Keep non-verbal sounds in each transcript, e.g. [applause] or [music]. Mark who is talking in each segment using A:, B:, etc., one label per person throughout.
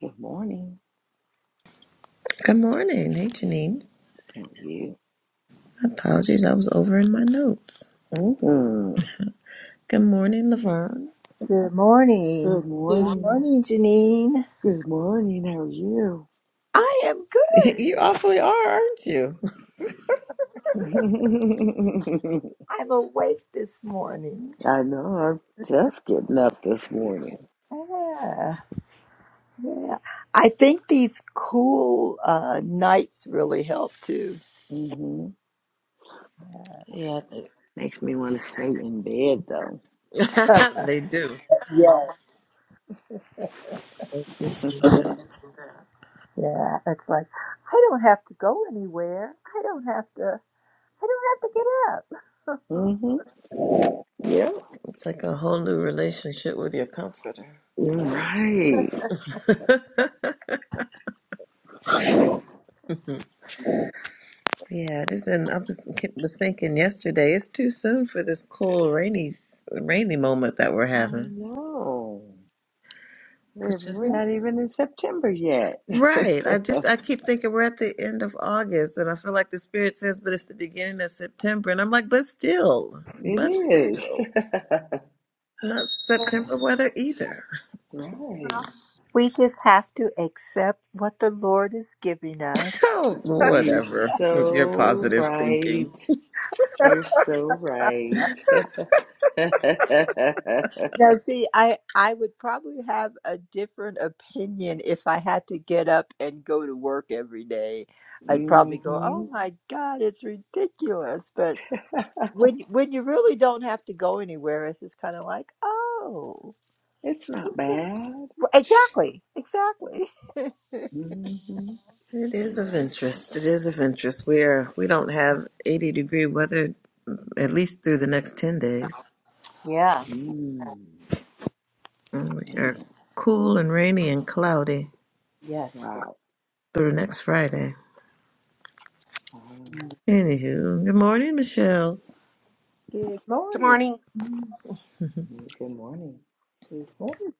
A: Good morning.
B: Good morning. Hey, Janine.
A: How are you?
B: Apologies, I was over in my notes.
A: Mm-hmm.
B: Good morning, Laverne.
C: Good morning.
A: Good
C: Good
A: morning.
C: morning, Janine.
A: Good morning. How are you?
C: I am
B: [laughs]
C: good.
B: You awfully are, aren't you? [laughs]
A: [laughs]
C: I'm awake this morning.
A: I know. I'm just getting up this morning.
C: Yeah, yeah. I think these cool uh, nights really help too.
A: hmm
C: Yes.
B: Yeah, they,
A: Makes me want to stay in bed though.
B: [laughs]
C: [laughs]
B: they do. They do do that.
C: yeah, it's like I don't have to go anywhere. I don't have to. I don't have to get up.
A: hmm Yep.
B: It's like a whole new relationship with your comforter.
A: You're right.
B: [laughs] yeah, this and I was, was thinking yesterday. It's too soon for this cool rainy s- rainy moment that we're
A: I
B: having.
A: know. We're
B: We're
A: we're
B: just
A: not even in September yet. [laughs]
B: Right. I just
A: it
B: I keep thinking we're at the end of August and I feel like the spirit says, but it's the beginning of September. And I'm like, but still, but
A: is.
B: still.
A: [laughs]
B: Not September weather either. [laughs]
A: right.
C: We just have to accept what the Lord is giving us.
B: Oh,
A: You're
B: whatever. With your
A: so
B: positive thinking.
A: right.
C: [laughs]
A: You're so right. [laughs] hmm
C: Now, see, I I would probably have a different opinion if I had to get up and go to work every day. I'd probably go, "Oh my God, it's ridiculous." But when when you really don't have to go anywhere, it's just kind of like, "Oh,
A: It's not
C: it's just-
A: bad.
C: exactly, exactly." [laughs]
A: hmm
B: It is of
A: Yeah.
B: interest. It is of interest. We are we don't have eighty degree weather at least through the next ten days.
C: Yeah.
A: Mm.
B: And We are
A: Man.
B: cool and rainy and cloudy
C: Yes.
A: Wow.
B: through next Friday.
A: Wow.
C: Mm.
B: Anywho, good morning, Michelle.
C: Good
D: Good
C: morning.
D: morning.
A: Mm, Good morning.
C: Good morning.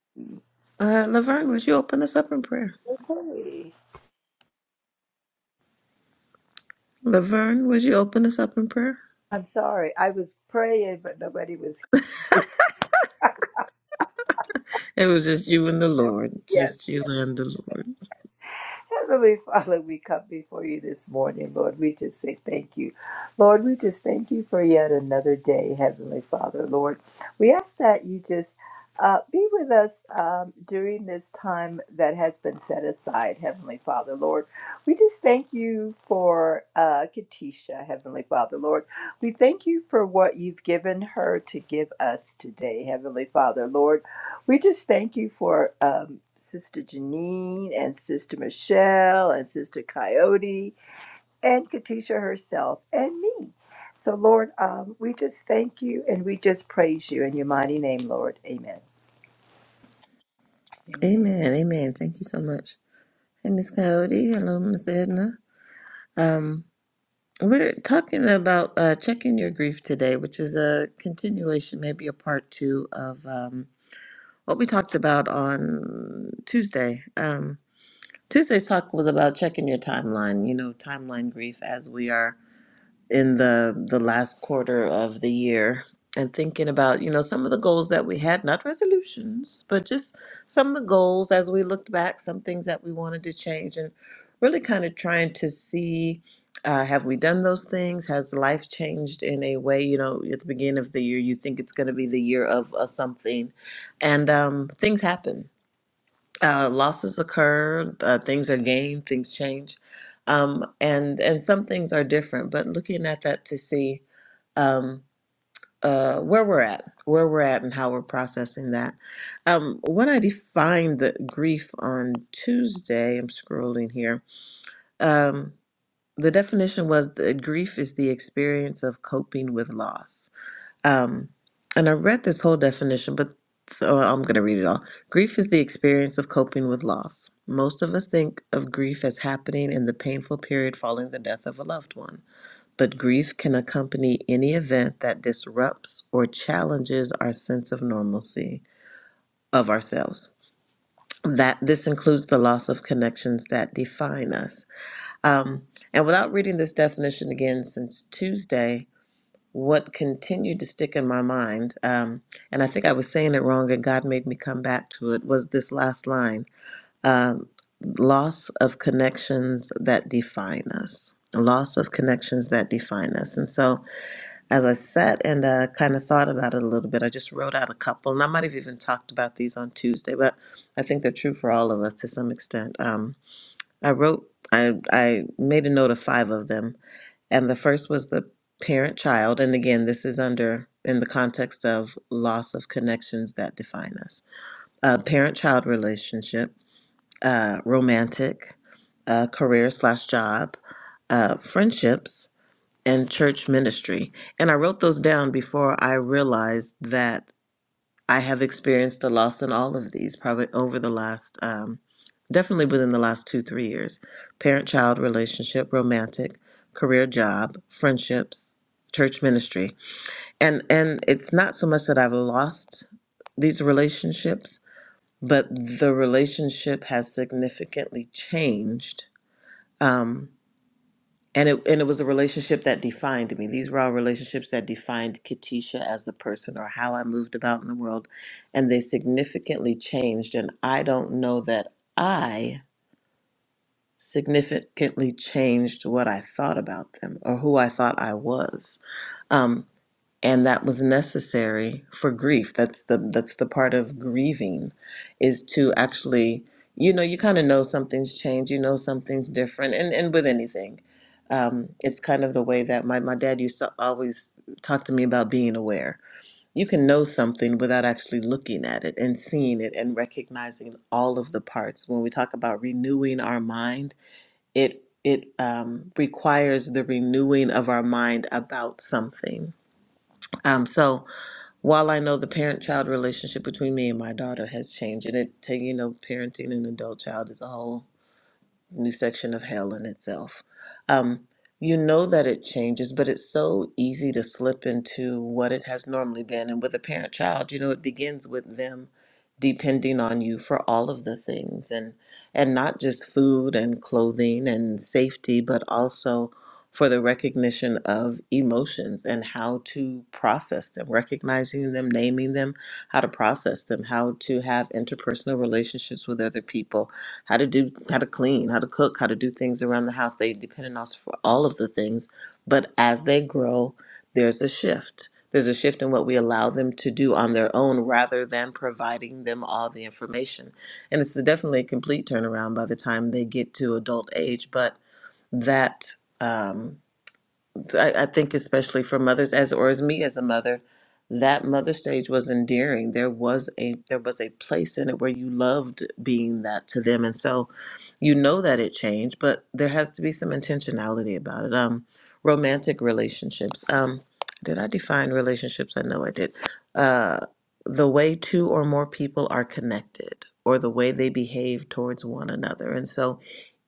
B: Uh, Laverne, would you open us up in prayer?
C: Okay.
B: Laverne, would you open us up in prayer?
C: I'm sorry. I was praying, but nobody was.
B: It was just you and the Lord, just you and the Lord.
C: Heavenly Father, we come before you this morning, Lord. We just say thank you. Lord, we just thank you for yet another day, Heavenly Father, Lord. We ask that you just uh, be with us um, during this time that has been set aside, Heavenly Father, Lord. We just thank you for uh, Katisha, Heavenly Father, Lord. We thank you for what you've given her to give us today, Heavenly Father, Lord. We just thank you for um, Sister Janine and Sister Michelle and Sister Coyote and Katisha herself and me. So, Lord, um, we just thank you and we just praise you in your mighty name, Lord. Amen.
B: Amen,
A: Amen.
B: amen. Thank you so much. Hey, Miss Coyote. Hello, Miss Edna. Um, we're talking about uh, checking your grief today, which is a continuation, maybe a part two of um, what we talked about on Tuesday. Um, Tuesday's talk was about checking your timeline. You know, timeline grief as we are in the the last quarter of the year and thinking about you know some of the goals that we had not resolutions but just some of the goals as we looked back some things that we wanted to change and really kind of trying to see uh, have we done those things has life changed in a way you know at the beginning of the year you think it's going to be the year of uh, something and um, things happen uh, losses occur, uh, things are gained, things change, um, and and some things are different. But looking at that to see um, uh, where we're at, where we're at, and how we're processing that. Um, when I defined the grief on Tuesday, I'm scrolling here. Um, the definition was that grief is the experience of coping with loss um, and I read this whole definition, but so I'm going to read it all. Grief is the experience of coping with loss. Most of us think of grief as happening in the painful period following the death of a loved one, but grief can accompany any event that disrupts or challenges our sense of normalcy of ourselves. That this includes the loss of connections that define us. Um, and without reading this definition again since Tuesday, what continued to stick in my mind, um, and I think I was saying it wrong, and God made me come back to it, was this last line um, loss of connections that define us. Loss of connections that define us. And so, as I sat and uh, kind of thought about it a little bit, I just wrote out a couple, and I might have even talked about these on Tuesday, but I think they're true for all of us to some extent. Um, I wrote, I, I made a note of five of them. And the first was the parent child. And again, this is under in the context of loss of connections that define us. Uh, parent child relationship, uh, romantic, uh, career slash job, uh, friendships, and church ministry. And I wrote those down before I realized that. I have experienced a loss in all of these, probably over the last, um, definitely within the last two, three years parent child relationship, romantic, career, job, friendships, church ministry. And, and it's not so much that I've lost these relationships, but the relationship has significantly changed. Um, and it and it was a relationship that defined me. These were all relationships that defined Katisha as a person or how I moved about in the world, and they significantly changed. And I don't know that I significantly changed what I thought about them or who I thought I was. Um, and that was necessary for grief that's the that's the part of grieving is to actually you know you kind of know something's changed you know something's different and and with anything um, it's kind of the way that my, my dad used to always talk to me about being aware you can know something without actually looking at it and seeing it and recognizing all of the parts when we talk about renewing our mind it it um, requires the renewing of our mind about something um, so while I know the parent-child relationship between me and my daughter has changed, and it, ta- you know, parenting an adult child is a whole new section of hell in itself. Um, you know that it changes, but it's so easy to slip into what it has normally been. And with a parent child, you know, it begins with them depending on you for all of the things and and not just food and clothing and safety, but also for the recognition of emotions and how to process them, recognizing them, naming them, how to process them, how to have interpersonal relationships with other people, how to do how to clean how to cook how to do things around the house they depend on us for all of the things but as they grow there's a shift there's a shift in what we allow them to do on their own rather than providing them all the information and it's definitely a complete turnaround by the time they get to adult age but that um, I, I think especially for mothers as or as me as a mother, that mother stage was endearing. There was a there was a place in it where you loved being that to them. And so you know that it changed, but there has to be some intentionality about it. Um romantic relationships. Um did I define relationships? I know I did. Uh the way two or more people are connected or the way they behave towards one another. And so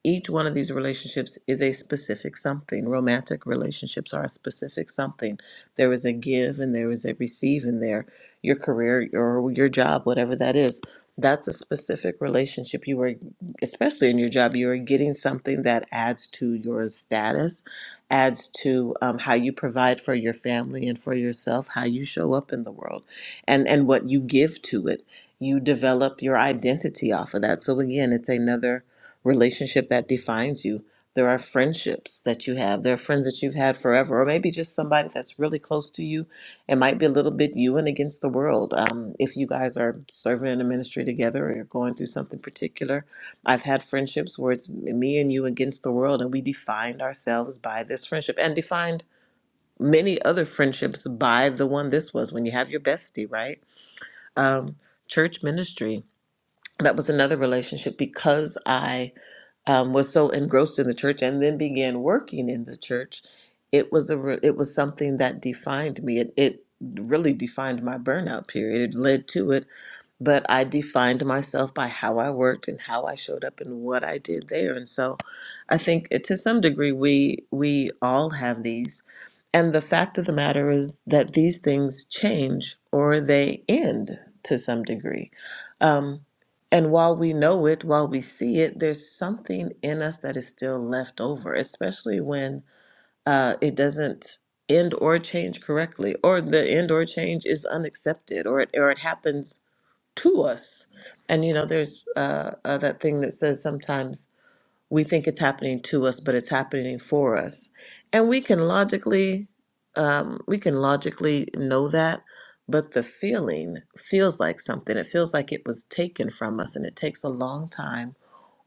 B: each one of these relationships is a specific something. Romantic relationships are a specific something. There is a give and there is a receive in there. Your career or your job, whatever that is, that's a specific relationship. You are, especially in your job, you are getting something that adds to your status, adds to um, how you provide for your family and for yourself, how you show up in the world, and and what you give to it. You develop your identity off of that. So again, it's another relationship that defines you. There are friendships that you have. There are friends that you've had forever, or maybe just somebody that's really close to you. It might be a little bit you and against the world. Um, if you guys are serving in a ministry together or you're going through something particular, I've had friendships where it's me and you against the world, and we defined ourselves by this friendship and defined many other friendships by the one this was when you have your bestie, right? Um, church ministry. That was another relationship because I um, was so engrossed in the church and then began working in the church, it was a re- it was something that defined me. It, it really defined my burnout period. It led to it but I defined myself by how I worked and how I showed up and what I did there. And so I think it- to some degree we we all have these. And the fact of the matter is that these things change or they end to some degree. Um, and while we know it, while we see it, there's something in us that is still left over, especially when uh, it doesn't end or change correctly, or the end or change is unaccepted, or it, or it happens to us. And you know, there's uh, uh, that thing that says sometimes we think it's happening to us, but it's happening for us, and we can logically um, we can logically know that. But the feeling feels like something. It feels like it was taken from us, and it takes a long time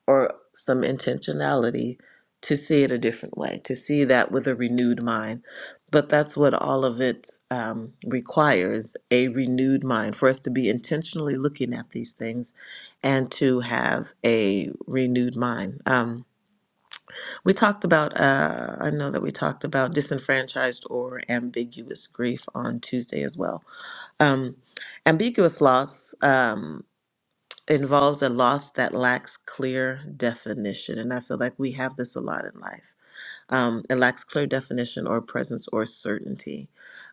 B: or some intentionality to see it a different way, to see that with a renewed mind. But that's what all of it um, requires a renewed mind for us to be intentionally looking at these things and to have a renewed mind. Um, we talked about, uh, I know that we talked about disenfranchised or ambiguous grief on Tuesday as well. Um, ambiguous loss. Um, involves a loss that lacks clear definition. And I feel like we have this a lot in life. Um, it lacks clear definition or presence or certainty,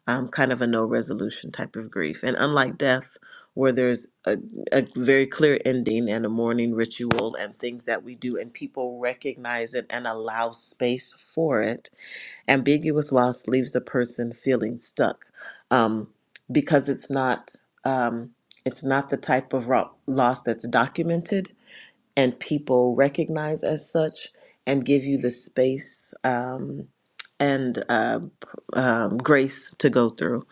B: um, kind of a no resolution type of grief. And unlike death, where there's a, a very clear ending and a mourning ritual and things that we do, and people recognize it and allow space for it, ambiguous loss leaves a person feeling stuck um, because it's not um, it's not the type of ro- loss that's documented and people recognize as such and give you the space um, and uh, um, grace to go through.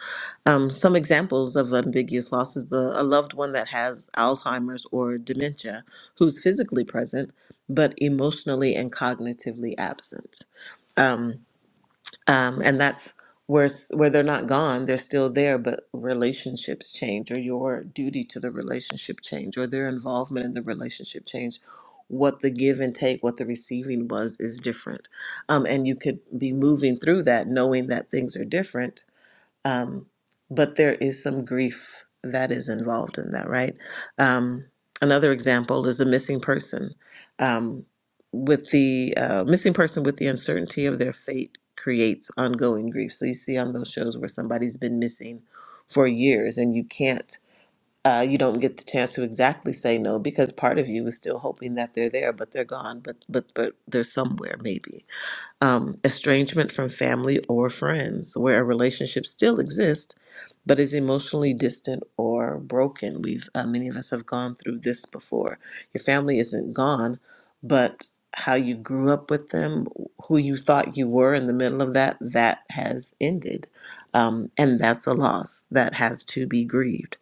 B: Um, some examples of ambiguous loss is the, a loved one that has Alzheimer's or dementia who's physically present but emotionally and cognitively absent. Um, um, and that's where s- where they're not gone they're still there but relationships change or your duty to the relationship change or their involvement in the relationship change what the give and take what the receiving was is different um, and you could be moving through that knowing that things are different um, but there is some grief that is involved in that, right? Um, another example is a missing person um, with the uh, missing person with the uncertainty of their fate creates ongoing grief. So you see on those shows where somebody's been missing for years and you can't. Uh, you don't get the chance to exactly say no because part of you is still hoping that they're there, but they're gone. But but but they're somewhere maybe um, estrangement from family or friends, where a relationship still exists but is emotionally distant or broken. We've uh, many of us have gone through this before. Your family isn't gone, but how you grew up with them, who you thought you were in the middle of that, that has ended, um, and that's a loss that has to be grieved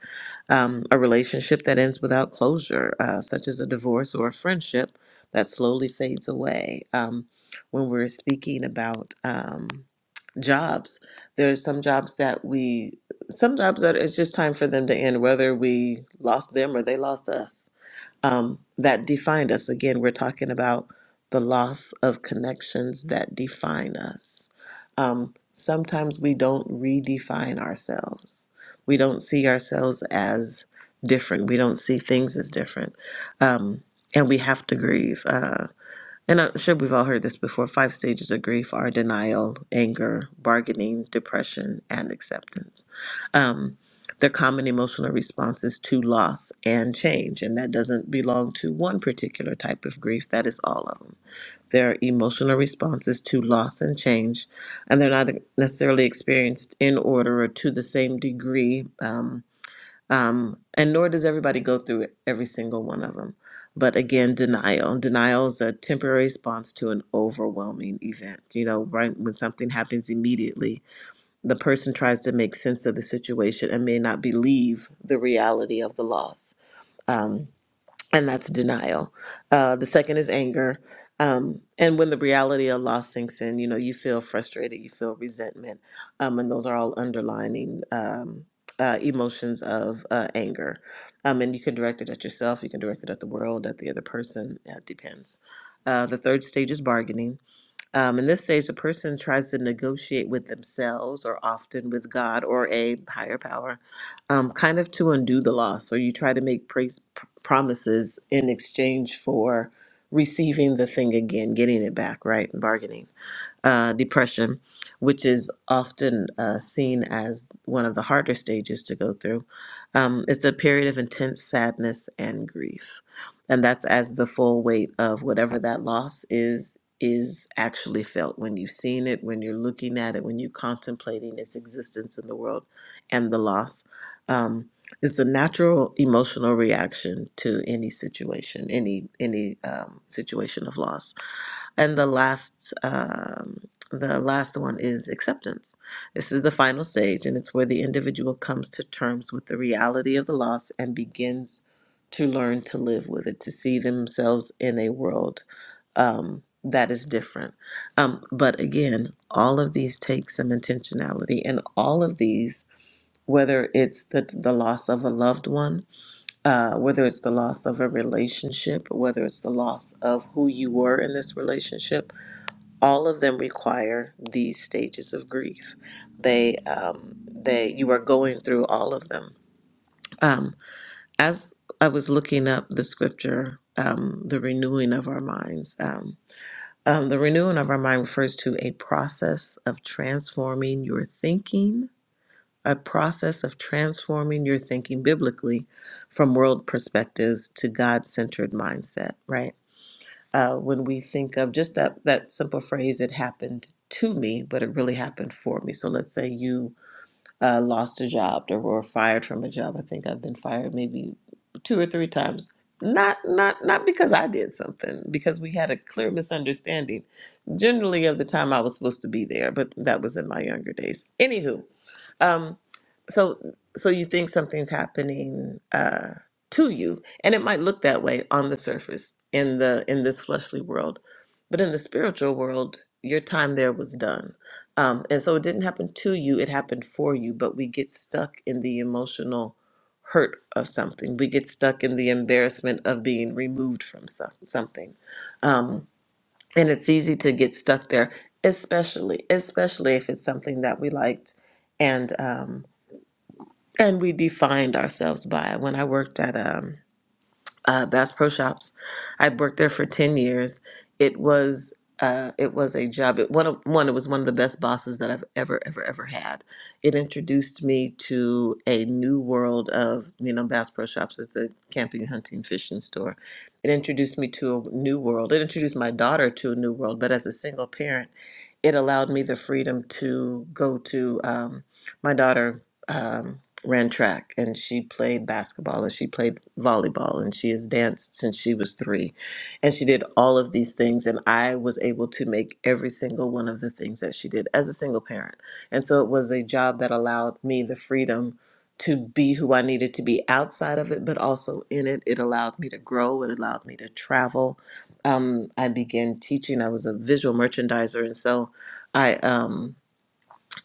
B: um, a relationship that ends without closure, uh, such as a divorce or a friendship that slowly fades away. Um, when we're speaking about um, jobs, there's some jobs that we, some jobs that it's just time for them to end, whether we lost them or they lost us um, that defined us. Again, we're talking about the loss of connections that define us. Um, sometimes we don't redefine ourselves. We don't see ourselves as different. We don't see things as different. Um, and we have to grieve. Uh, and I'm sure we've all heard this before five stages of grief are denial, anger, bargaining, depression, and acceptance. Um, they're common emotional responses to loss and change, and that doesn't belong to one particular type of grief, that is all of them. They're emotional responses to loss and change, and they're not necessarily experienced in order or to the same degree. um, um, and nor does everybody go through every single one of them. But again, denial. Denial is a temporary response to an overwhelming event. You know, right when something happens immediately, the person tries to make sense of the situation and may not believe the reality of the loss. Um, and that's denial. Uh, the second is anger. Um, and when the reality of loss sinks in, you know, you feel frustrated, you feel resentment. Um, and those are all underlining um, uh, emotions of uh, anger. Um, and you can direct it at yourself, you can direct it at the world, at the other person, yeah, it depends. Uh, the third stage is bargaining. Um, in this stage, a person tries to negotiate with themselves or often with God or a higher power, um, kind of to undo the loss, or you try to make praise, pr- promises in exchange for receiving the thing again, getting it back, right? Bargaining uh, depression, which is often uh, seen as one of the harder stages to go through. Um, it's a period of intense sadness and grief. And that's as the full weight of whatever that loss is is actually felt when you've seen it, when you're looking at it, when you're contemplating its existence in the world and the loss. Um, it's a natural emotional reaction to any situation, any any um, situation of loss and the last um, the last one is acceptance this is the final stage and it's where the individual comes to terms with the reality of the loss and begins to learn to live with it to see themselves in a world um, that is different um, but again all of these take some intentionality and all of these whether it's the, the loss of a loved one uh, whether it's the loss of a relationship whether it's the loss of who you were in this relationship all of them require these stages of grief. They, um, they, you are going through all of them. Um, as I was looking up the scripture, um, the renewing of our minds. Um, um, the renewing of our mind refers to a process of transforming your thinking, a process of transforming your thinking biblically from world perspectives to God centered mindset, right? uh, when we think of just that that simple phrase it happened to me but it really happened for me so let's say you uh, lost a job or were fired from a job. I think I've been fired maybe two or three times. Not not not because I did something, because we had a clear misunderstanding. Generally, of the time I was supposed to be there, but that was in my younger days. Anywho, um, so so you think something's happening uh, to you, and it might look that way on the surface in the in this fleshly world, but in the spiritual world, your time there was done um, and so it didn't happen to you, it happened for you, but we get stuck in the emotional hurt of something. We get stuck in the embarrassment of being removed from some, something. Um, and it's easy to get stuck there, especially, especially if it's something that we liked and, um, and we defined ourselves by. When I worked at, um, uh, Bass Pro Shops. I worked there for ten years. It was uh, it was a job. It, one of one. It was one of the best bosses that I've ever ever ever had. It introduced me to a new world of you know Bass Pro Shops is the camping, hunting, fishing store. It introduced me to a new world. It introduced my daughter to a new world. But as a single parent it allowed me the freedom to go to um, my daughter um, ran track and she played basketball and she played volleyball and she has danced since she was three and she did all of these things and i was able to make every single one of the things that she did as a single parent and so it was a job that allowed me the freedom to be who i needed to be outside of it but also in it it allowed me to grow it allowed me to travel um, i began teaching i was a visual merchandiser and so I um,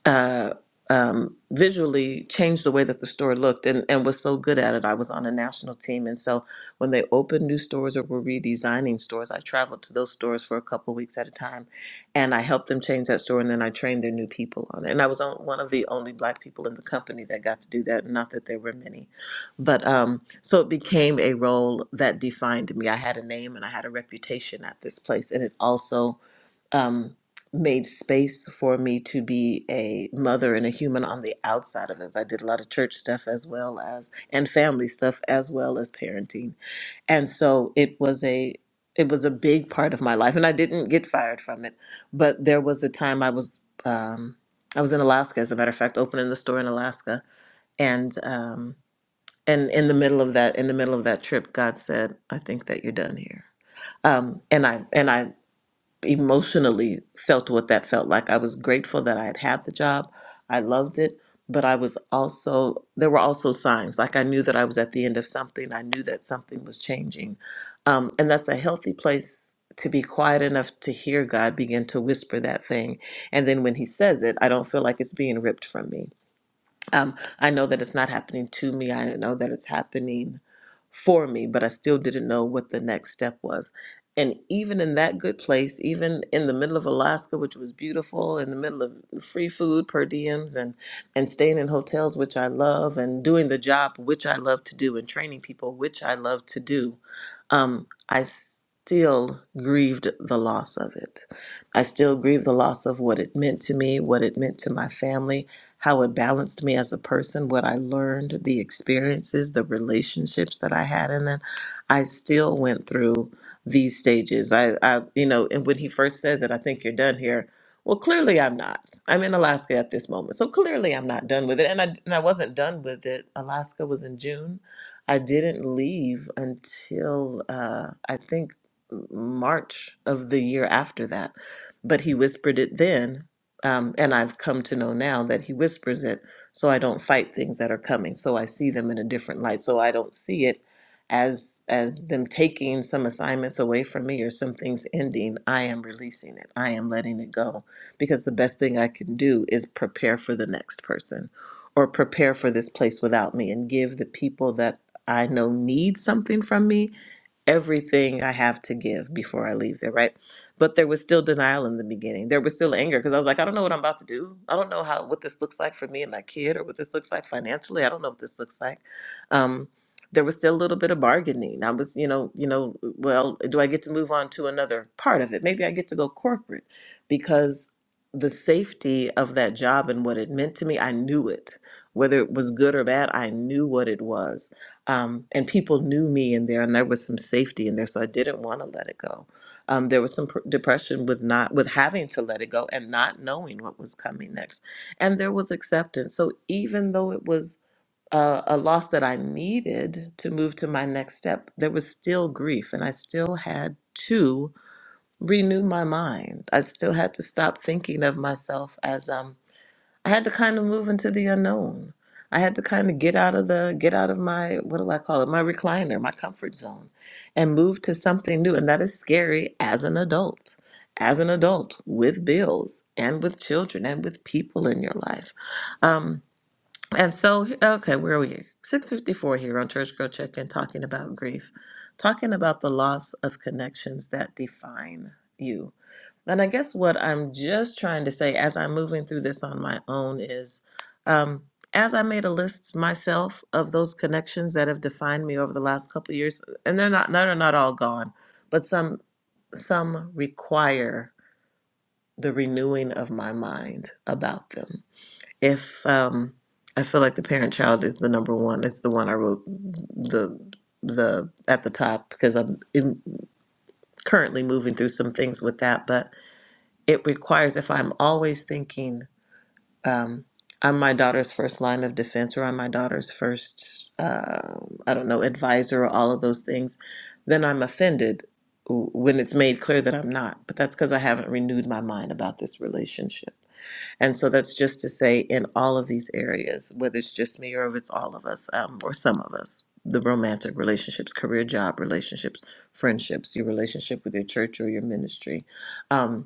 B: uh, um, visually changed the way that the store looked and, and was so good at it. I was on a national team. And so when they opened new stores or were redesigning stores, I traveled to those stores for a couple weeks at a time and I helped them change that store. And then I trained their new people on it. And I was on, one of the only black people in the company that got to do that. Not that there were many, but um, so it became a role that defined me. I had a name and I had a reputation at this place. And it also, um, made space for me to be a mother and a human on the outside of it. I did a lot of church stuff as well as and family stuff as well as parenting. And so it was a it was a big part of my life and I didn't get fired from it. But there was a time I was um I was in Alaska as a matter of fact opening the store in Alaska and um and in the middle of that in the middle of that trip God said, I think that you're done here um, and I and I emotionally felt what that felt like. I was grateful that I had had the job. I loved it, but I was also there were also signs like I knew that I was at the end of something. I knew that something was changing, um, and that's a healthy place to be quiet enough to hear God begin to whisper that thing. And then when He says it, I don't feel like it's being ripped from me um, I know that it's not happening to me. I didn't know that it's happening for me, but I still didn't know what the next step was. And even in that good place, even in the middle of Alaska, which was beautiful, in the middle of free food per diems and, and staying in hotels, which I love, and doing the job, which I love to do, and training people, which I love to do, um, I still grieved the loss of it. I still grieve the loss of what it meant to me, what it meant to my family, how it balanced me as a person, what I learned, the experiences, the relationships that I had. And then I still went through these stages. I, I you know, and when he first says it, I think you're done here. Well, clearly I'm not. I'm in Alaska at this moment. So clearly I'm not done with it. And I, and I wasn't done with it. Alaska was in June. I didn't leave until uh, I think March of the year after that. But he whispered it then um, and I've come to know now that he whispers it so I don't fight things that are coming. So I see them in a different light. So I don't see it as as them taking some assignments away from me or some things ending. I am releasing it. I am letting it go. Because the best thing I can do is prepare for the next person or prepare for this place without me and give the people that I know need something from me everything I have to give before I leave there, right? But there was still denial in the beginning. There was still anger because I was like, I don't know what I'm about to do. I don't know how what this looks like for me and my kid, or what this looks like financially. I don't know what this looks like. Um, there was still a little bit of bargaining. I was, you know, you know, well, do I get to move on to another part of it? Maybe I get to go corporate because the safety of that job and what it meant to me, I knew it. Whether it was good or bad, I knew what it was um, and people knew me in there, and there was some safety in there, so I didn't want to let it go. Um, there was some pr- depression with not with having to let it go and not knowing what was coming next, and there was acceptance. So even though it was a, a loss that I needed to move to my next step, there was still grief, and I still had to renew my mind. I still had to stop thinking of myself as. um I had to kind of move into the unknown. I had to kind of get out of the get out of my what do I call it? My recliner, my comfort zone and move to something new and that is scary as an adult. As an adult with bills and with children and with people in your life. Um, and so, okay, where are we? 654 here on Church Girl Check In, talking about grief, talking about the loss of connections that define you. And I guess what I'm just trying to say as I'm moving through this on my own is um, as I made a list myself of those connections that have defined me over the last couple of years, and they're not, none are not all gone, but some some require the renewing of my mind about them if um, I feel like the parent child is the number one, it's the one I wrote the the at the top because I'm in, currently moving through some things with that. But it requires if I'm always thinking um, I'm my daughter's first line of defense or I'm my daughter's first uh, I don't know advisor or all of those things, then I'm offended w- when it's made clear that I'm not. But that's because I haven't renewed my mind about this relationship. And so that's just to say, in all of these areas, whether it's just me or if it's all of us um, or some of us, the romantic relationships, career, job relationships, friendships, your relationship with your church or your ministry. um,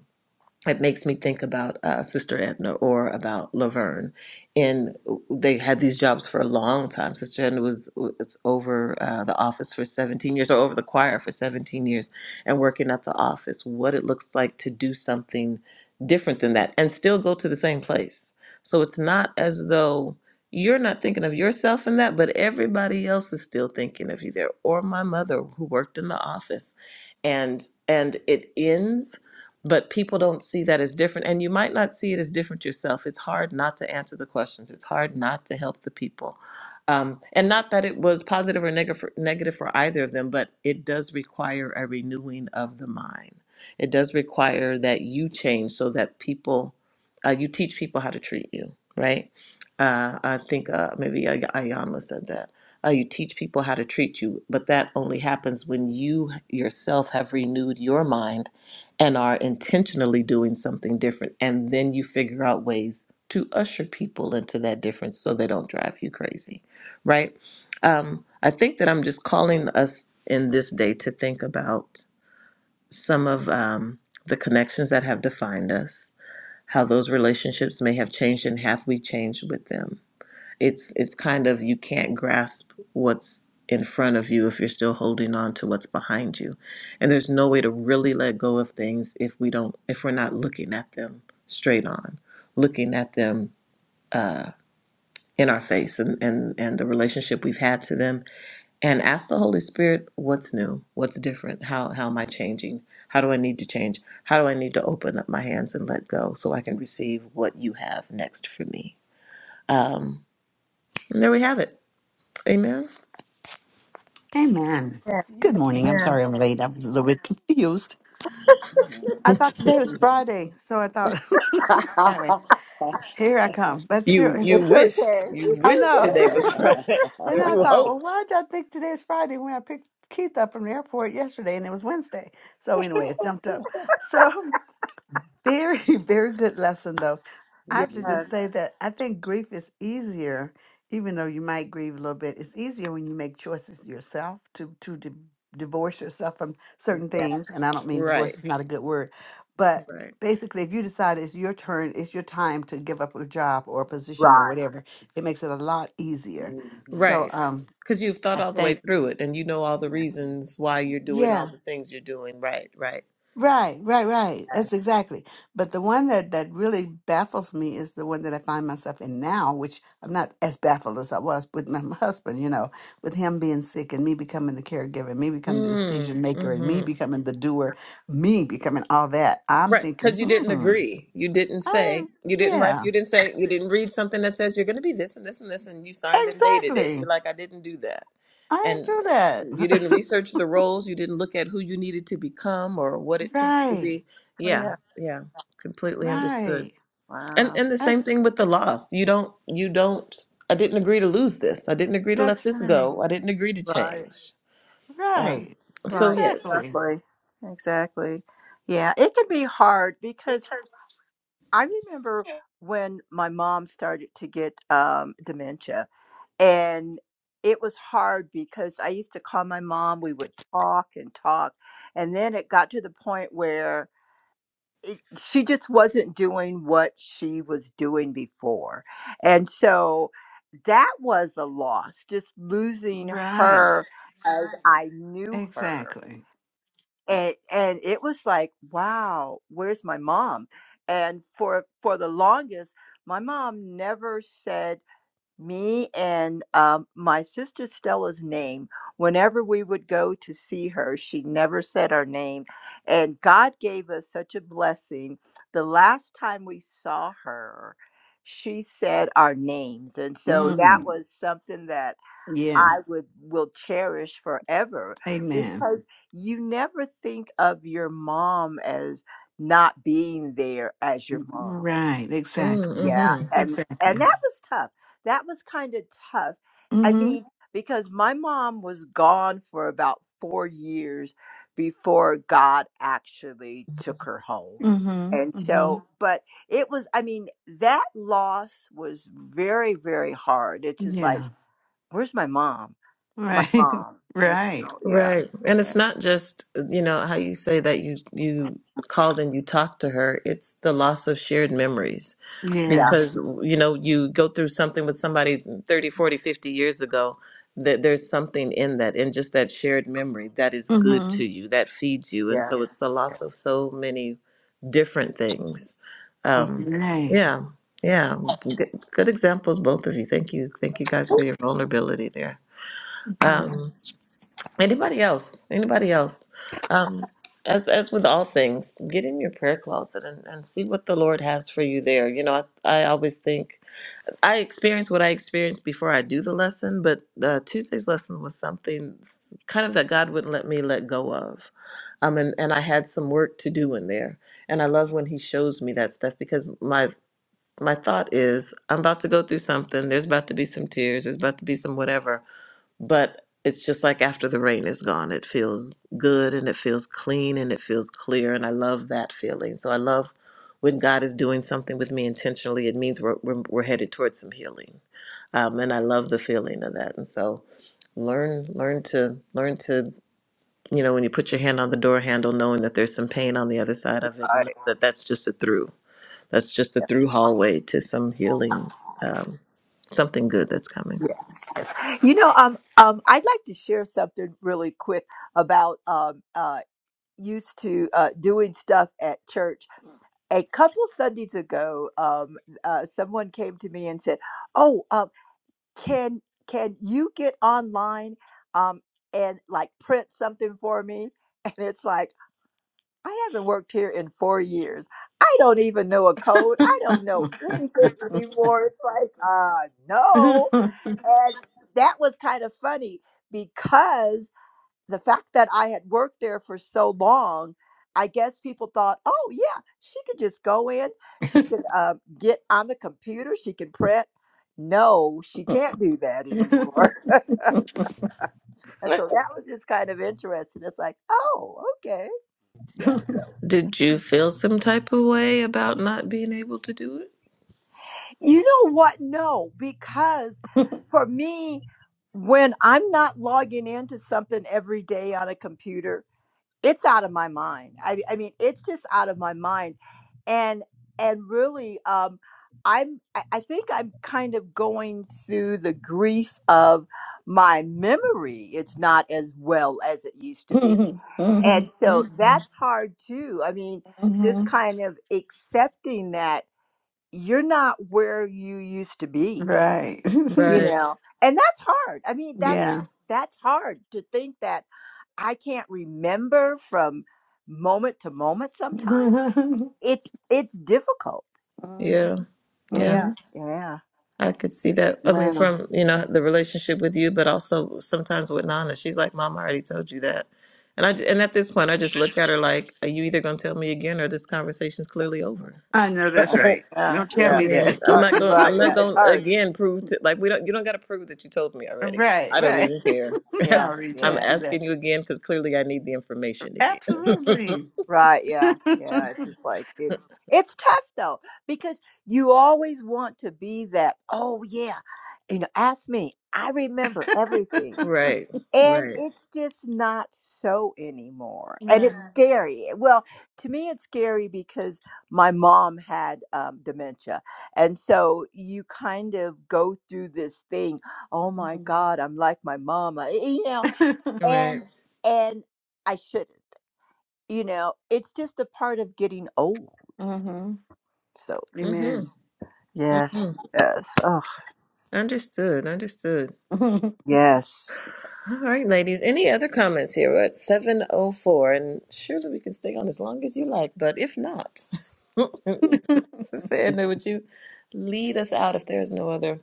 B: it makes me think about uh, Sister Edna or about Laverne. And they had these jobs for a long time. Sister Edna was, was over uh, the office for 17 years, or over the choir for 17 years, and working at the office, what it looks like to do something different than that and still go to the same place. So it's not as though you're not thinking of yourself in that, but everybody else is still thinking of you there. Or my mother, who worked in the office. And, and it ends but people don't see that as different and you might not see it as different yourself it's hard not to answer the questions it's hard not to help the people um, and not that it was positive or negative for, negative for either of them but it does require a renewing of the mind it does require that you change so that people uh, you teach people how to treat you right uh, i think uh, maybe Ay- ayana said that uh, you teach people how to treat you but that only happens when you yourself have renewed your mind and are intentionally doing something different. And then you figure out ways to usher people into that difference so they don't drive you crazy, right? Um, I think that I'm just calling us in this day to think about some of um, the connections that have defined us, how those relationships may have changed and have we changed with them it's it's kind of you can't grasp what's in front of you if you're still holding on to what's behind you and there's no way to really let go of things if we don't if we're not looking at them straight on looking at them uh, in our face and, and and the relationship we've had to them and ask the holy spirit what's new what's different how how am i changing how do i need to change how do i need to open up my hands and let go so i can receive what you have next for me um, and there we have it amen
E: Amen. Good morning. I'm
A: Amen.
C: Amen.
E: sorry I'm late. I'm a little bit [laughs] confused. I thought today was
A: Amen.
E: Friday, so I thought. [laughs] anyway,
A: [laughs]
E: here I come.
A: That's
E: That's
B: You
E: serious.
B: you
C: It's
B: wished
C: okay.
B: you
C: It's
E: I
B: wished
E: know.
B: today
E: [laughs]
B: was
C: okay.
B: Friday. [laughs]
E: and I
B: You
E: thought, well,
B: hoped.
E: why did I think today is Friday when I picked Keith up from the airport yesterday and it was Wednesday? So anyway, it jumped up. So. [laughs] Very, [laughs] very good lesson, though. I
C: Yes.
E: have to just
A: Mhm,
C: Yeah.
E: say that I think grief is easier, even though you might grieve a little bit. It's easier when you make choices yourself to to di- divorce yourself from certain things. And I don't mean divorce
B: Right,
E: is not a good word, but
B: right,
E: basically, if you decide it's your turn, it's your time to give up a job or a position or
C: Right.
E: whatever, it makes it a lot easier.
A: mhm,
E: So,
B: right.
E: um,
B: Because you've thought
E: I
B: all the way
E: think,
B: through it, and you know all the
A: mhm.
B: reasons why
C: Yes.
B: you're doing
E: yeah.
B: all the things you're doing. Right, right.
E: Right, right, right. That's exactly. But the one that that really baffles me is the one that I find myself in now, which I'm not as baffled as I was with my [laughs] husband, you know, with him being sick and me becoming the caregiver, me becoming the
B: Mm,
E: decision maker and me
B: mm-hmm.
E: becoming the doer, me becoming all that. I'm
B: Right,
E: thinking,
B: because you didn't
E: hmm,
B: agree. You didn't
E: I
B: say.
E: didn't-
B: You didn't write.
E: yeah,
B: You didn't say. You didn't read something that says you're going to be this and this and this, and you signed and dated it. You're
E: exactly.
B: like, I didn't do that,
E: I didn't
B: and
E: do
B: you didn't
E: that.
B: research the roles. You didn't look at who you needed to become or what
E: [laughs]
B: it takes to
E: right,
B: be.
C: Oh,
B: Yeah,
C: yeah.
B: yeah, completely understood.
E: right.
B: And
C: Wow.
B: and the same thing
E: That's
B: with the loss. You don't. You don't. I didn't agree to lose this. I didn't agree to let
E: that's
B: this
E: right.
B: go. I didn't agree to
C: Right.
B: change. Um,
E: Right.
B: so
C: Right.
B: yes,
E: Exactly.
C: Exactly. Exactly. Yeah. It can be hard because I remember when my mom started to get um, dementia, and it was hard because I used to call my mom. We would talk and talk, and then it got to the point where it, she just wasn't doing what she was doing before, and so that was a loss. Just losing
E: Right.
C: her as I knew her
E: Exactly.
C: and and it was like wow where's my mom and for for the longest my mom never said me and um, my sister stella's name whenever we would go to see her she never said our name and god gave us such a blessing the last time we saw her she said our names and so that Mm.
E: Mm.
C: was something that
E: Yeah.
C: I would will cherish forever Mhm.
E: Amen.
C: because you never think of your mom as not being there as your mom.
E: Right. Exactly.
C: Yeah,
B: Mm-hmm.
C: and and
E: Exactly.
C: that was tough. That was kind of tough. I
E: Mm-hmm.
C: mean, because my mom was gone for about 4 years before God actually took her home.
E: Mm-hmm.
C: And
E: Mm-hmm.
C: so, Mhm. but it was, I mean, that loss was very, very hard. It's just like,
E: Yeah.
C: where's my mom? my
E: Right.
C: mom.
E: [laughs]
C: You
E: right.
C: know, yeah,
B: Right. And
C: yeah,
B: it's not just, you know, how you say that you you called and you talked to her. It's the loss of shared memories.
C: yeah,
B: Because,
E: Yes.
B: you know, you go through something with somebody 30, 40, fifty years ago, that there's something in that, in just that shared memory that is good
E: Mm-hmm.
B: to you, that feeds you. And
C: yeah.
B: so it's the
C: yeah.
B: loss of so many different things.
C: Mhm.
B: Um,
E: Right.
B: yeah. Yeah. Good, good examples, both of you. Thank you. Thank you guys for your vulnerability there.
E: Mm-hmm.
B: Um, Anybody else? Anybody else? Um, as as with all things, get in your prayer closet and, and see what the Lord has for you there. You know, I, I always think I experience what I experience before I do the lesson, but uh, Tuesday's lesson was something kind of that God wouldn't let me let go of. Um, and, and I had some work to do in there. And I love when he shows me that stuff because my my thought is I'm about to go through something. There's about to be some tears. There's about to be some whatever but it's just like after the rain is gone it feels good and it feels clean and it feels clear and i love that feeling so i love when god is doing something with me intentionally it means we're, we're, we're headed towards some healing um, and i love the feeling of that and so learn learn to learn to you know when you put your hand on the door handle knowing that there's some pain on the other side of it and
C: I-
B: that that's just a through that's just a
C: yeah.
B: through hallway to some healing um, something good that's coming
C: Yeah. You know, um, um, I'd like to share something really quick about um, uh, used to uh, doing stuff at church. A couple of Sundays ago, um, uh, someone came to me and said, "Oh, um, can can you get online um, and like print something for me?" [laughs] And it's like, I haven't worked here in four years. I don't even know a code. I don't know
E: [laughs]
C: anything [laughs] anymore. It's like, uh, no. And that was kind of funny because the fact that I had worked there for so long, I guess people thought, oh, yeah, she could just go in, she could uh, get on the computer, she can print. No, she can't do that anymore. [laughs] and so that was just kind of interesting. It's like, oh, okay. Yeah.
B: Did you feel some type of way about not being able to do it?
C: You know what? No, because for me, when I'm not logging into something every day on a computer, it's out of my mind. I, I mean, it's just out of my mind, and and really, um, I'm. I I think I'm kind of going through the grief of my memory. It's not as well as it used to be, and so
B: hmm
C: that's hard too. I mean, just kind of accepting that you're not where you used to be
E: Right. [laughs]
C: you
B: Right.
C: know and that's hard i mean that's
E: yeah.
C: that's hard to think that i can't remember from moment to moment sometimes
E: [laughs] Mm-hmm.
C: it's it's difficult
B: Yeah. Yeah.
E: Mm-hmm.
C: yeah yeah
B: I could see that. I mean,
E: Wow.
B: from, you know, the relationship with you, but also sometimes with Nana. She's like, Mom, I already told you that. And I j- and at this point, I just look at her like, are you either going to tell me again or this conversation's clearly over?
E: I know
C: yeah
E: that's right.
B: [laughs]
C: yeah
E: Don't tell
B: I
C: yeah
E: me
C: it's
E: that.
B: mean, I'm
C: hard.
B: not
C: You're
B: going
C: right
B: I'm
C: yeah
B: not
C: it's
B: going to
C: hard
B: again prove to like we don't you don't got to prove that you told me
E: [laughs]
B: already.
E: right,
B: I don't
E: right.
B: even care.
E: [laughs] I
B: [laughs]
C: yeah
E: already
B: I'm
C: yeah
E: told you that.
B: asking you again cuz clearly I need the information
C: yeah.
B: again. [laughs]
E: Absolutely.
C: right yeah
E: [laughs]
C: yeah it's just like it's it's tough though because you always want to be that oh yeah you know ask me i remember everything
B: Right,
C: And
B: right,
C: it's just not so anymore. And
E: Right.
C: it's Yeah. scary. eh, Well, to me, it's scary because my mom had um, dementia. And so you kind of go through this thing oh my
E: mm-hmm.
C: God, I'm like my mama, you know,
B: right.
C: and, and I shouldn't, you know, it's just a part of getting old.
E: [laughs]
C: So,
B: Mm-hmm.
E: Amen.
B: hmm
C: yes, yes, oh,
B: Understood, understood.
E: [laughs]
C: yes.
B: All right, ladies. Any other comments here? We're at 704, and surely we can stay on as long as you like, but if not, [laughs] Sister Edna, would you lead us out if there's no other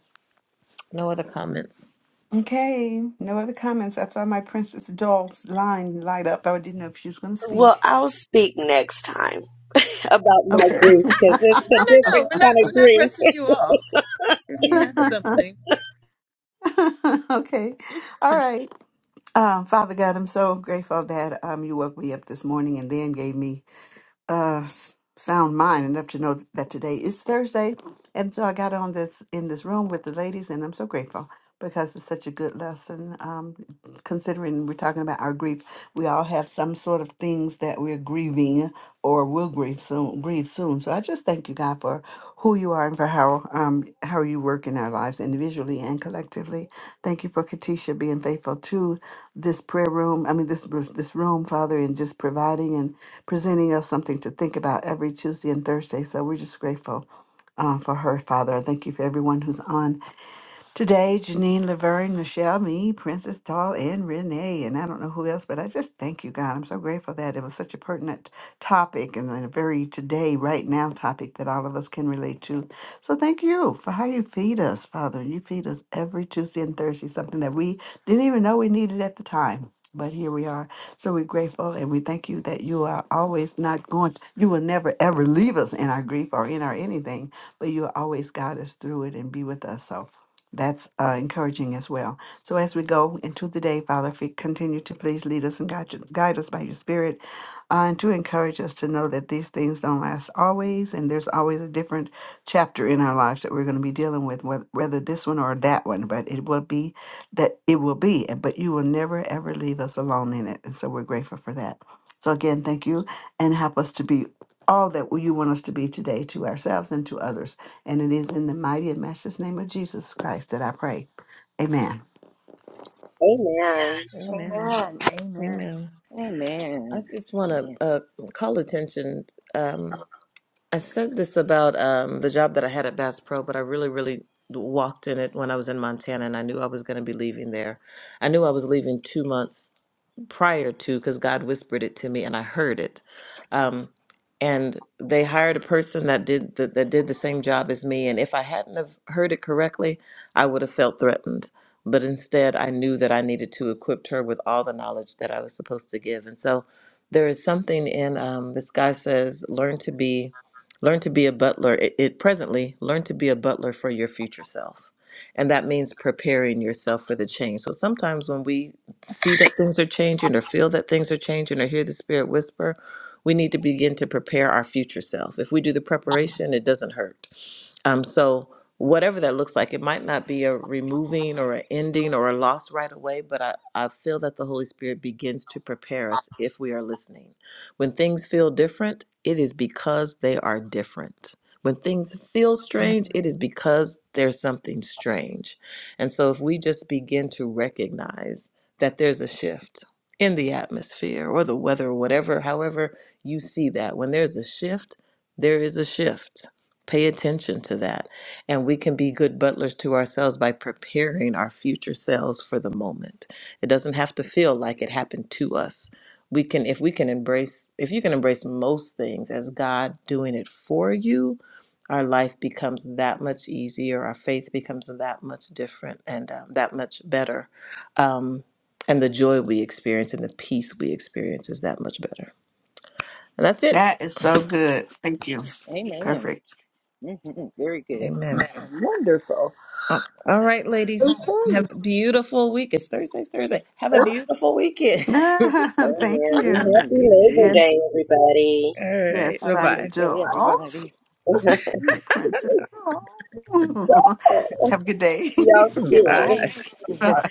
B: no other comments?
E: okay. No other comments. I saw my Princess Doll's line light up. I didn't know if she was going to
F: Well,
E: speak.
F: I'll speak next time about my
E: Okay.
F: grief because it's
B: No,
F: a
B: no,
F: different
B: no. We're not
F: kind
B: we're
F: of
B: not
F: grief.
B: rushing you off. If you have
E: [laughs]
B: something.
F: [laughs]
E: okay. All right. Um, Father God, I'm so grateful that um, you woke me up this morning and then gave me uh, s- sound mind enough to know that today is Thursday. And so I got on this in this room with the ladies, and I'm so grateful because it's such a good lesson. Um, considering we're talking about our grief, we all have some sort of things that we're grieving or will grieve soon. Grieve soon. So I just thank you, God, for who you are and for how um, how you work in our lives individually and collectively. Thank you for Katisha being faithful to this prayer room. I mean, this this room, Father, and just providing and presenting us something to think about every Tuesday and Thursday. So we're just grateful uh, for her, Father. I thank you for everyone who's on. Today, Janine, Laverne, Michelle, me, Princess Doll, and Renee, and I don't know who else, but I just thank you, God. I'm so grateful that it was such a pertinent topic and a very today, right now topic that all of us can relate to. So thank you for how you feed us, Father. You feed us every Tuesday and Thursday, something that we didn't even know we needed at the time. But here we are. So we're grateful and we thank you that you are always not going, you will never ever leave us in our grief or in our anything, but you always guide us through it and be with us. So that's uh, encouraging as well. So as we go into the day, Father, if you continue to please lead us and guide, you- guide us by your Spirit, uh, and to encourage us to know that these things don't last always, and there's always a different chapter in our lives that we're going to be dealing with, wheth- whether this one or that one. But it will be that it will be, and- but you will never ever leave us alone in it, and so we're grateful for that. So again, thank you, and help us to be all that you want us to be today to ourselves and to others. And it is in the mighty and matchless name of Jesus Christ that I pray. Amen.
F: Amen.
B: Amen.
C: Amen.
B: Amen. I
A: Amen.
B: just want to
A: Yeah.
B: uh, call attention. Um, I said this about um, the job that I had at Bass Pro, but I really, really walked in it when I was in Montana and I knew I was going to be leaving there. I knew I was leaving two months prior to because God whispered it to me and I heard it. Um, and they hired a person that did that, that did the same job as me. And if I hadn't have heard it correctly, I would have felt threatened. But instead, I knew that I needed to equip her with all the knowledge that I was supposed to give. And so there is something in um, this guy says, learn to be, learn to be a butler. It, it presently learn to be a butler for your future self and that means preparing yourself for the change. So sometimes when we see that things are changing or feel that things are changing or hear the spirit whisper, we need to begin to prepare our future self. If we do the preparation, it doesn't hurt. Um, so whatever that looks like, it might not be a removing or an ending or a loss right away, but I, I feel that the Holy Spirit begins to prepare us if we are listening. When things feel different, it is because they are different. When things feel
C: Amen.
B: strange, it is because there's something strange. And so if we just begin to recognize that there's a shift in the atmosphere or the weather or whatever, however you see that, when there's a shift, there is a shift Pay attention to that. And we can be good butlers to ourselves by preparing our future selves for the moment. It doesn't have to feel like it happened to us. We can, if we can embrace, if you can embrace most things as God doing it for you, our life becomes that much easier. Our faith becomes that much different and um, that much better. Um, and the joy we experience and the peace we experience is that much better. And that's it.
E: That is so good. Thank you.
A: Amen.
E: Perfect.
A: hmm Very good.
B: Amen.
C: Wonderful.
B: Uh, All right, ladies.
C: Okay.
B: Have a beautiful week. It's Thursday, Thursday. Have a beautiful weekend.
E: [laughs]
B: [laughs] All
E: Thank
F: Amen.
E: you.
A: Yeah,
F: Happy
A: you
F: Labor
A: too.
E: Yes,
F: Day, everybody.
B: right.
E: yes,
A: Have a
E: by
B: Bye-bye.
A: great day,
E: Dolph.
A: everybody.
F: [laughs]
E: My princess Dolph. [laughs]
F: So,
E: Have a good day.
F: Y'all
B: Bye.
F: too.
A: Goodbye.
E: [laughs]
A: [laughs]
E: Bye.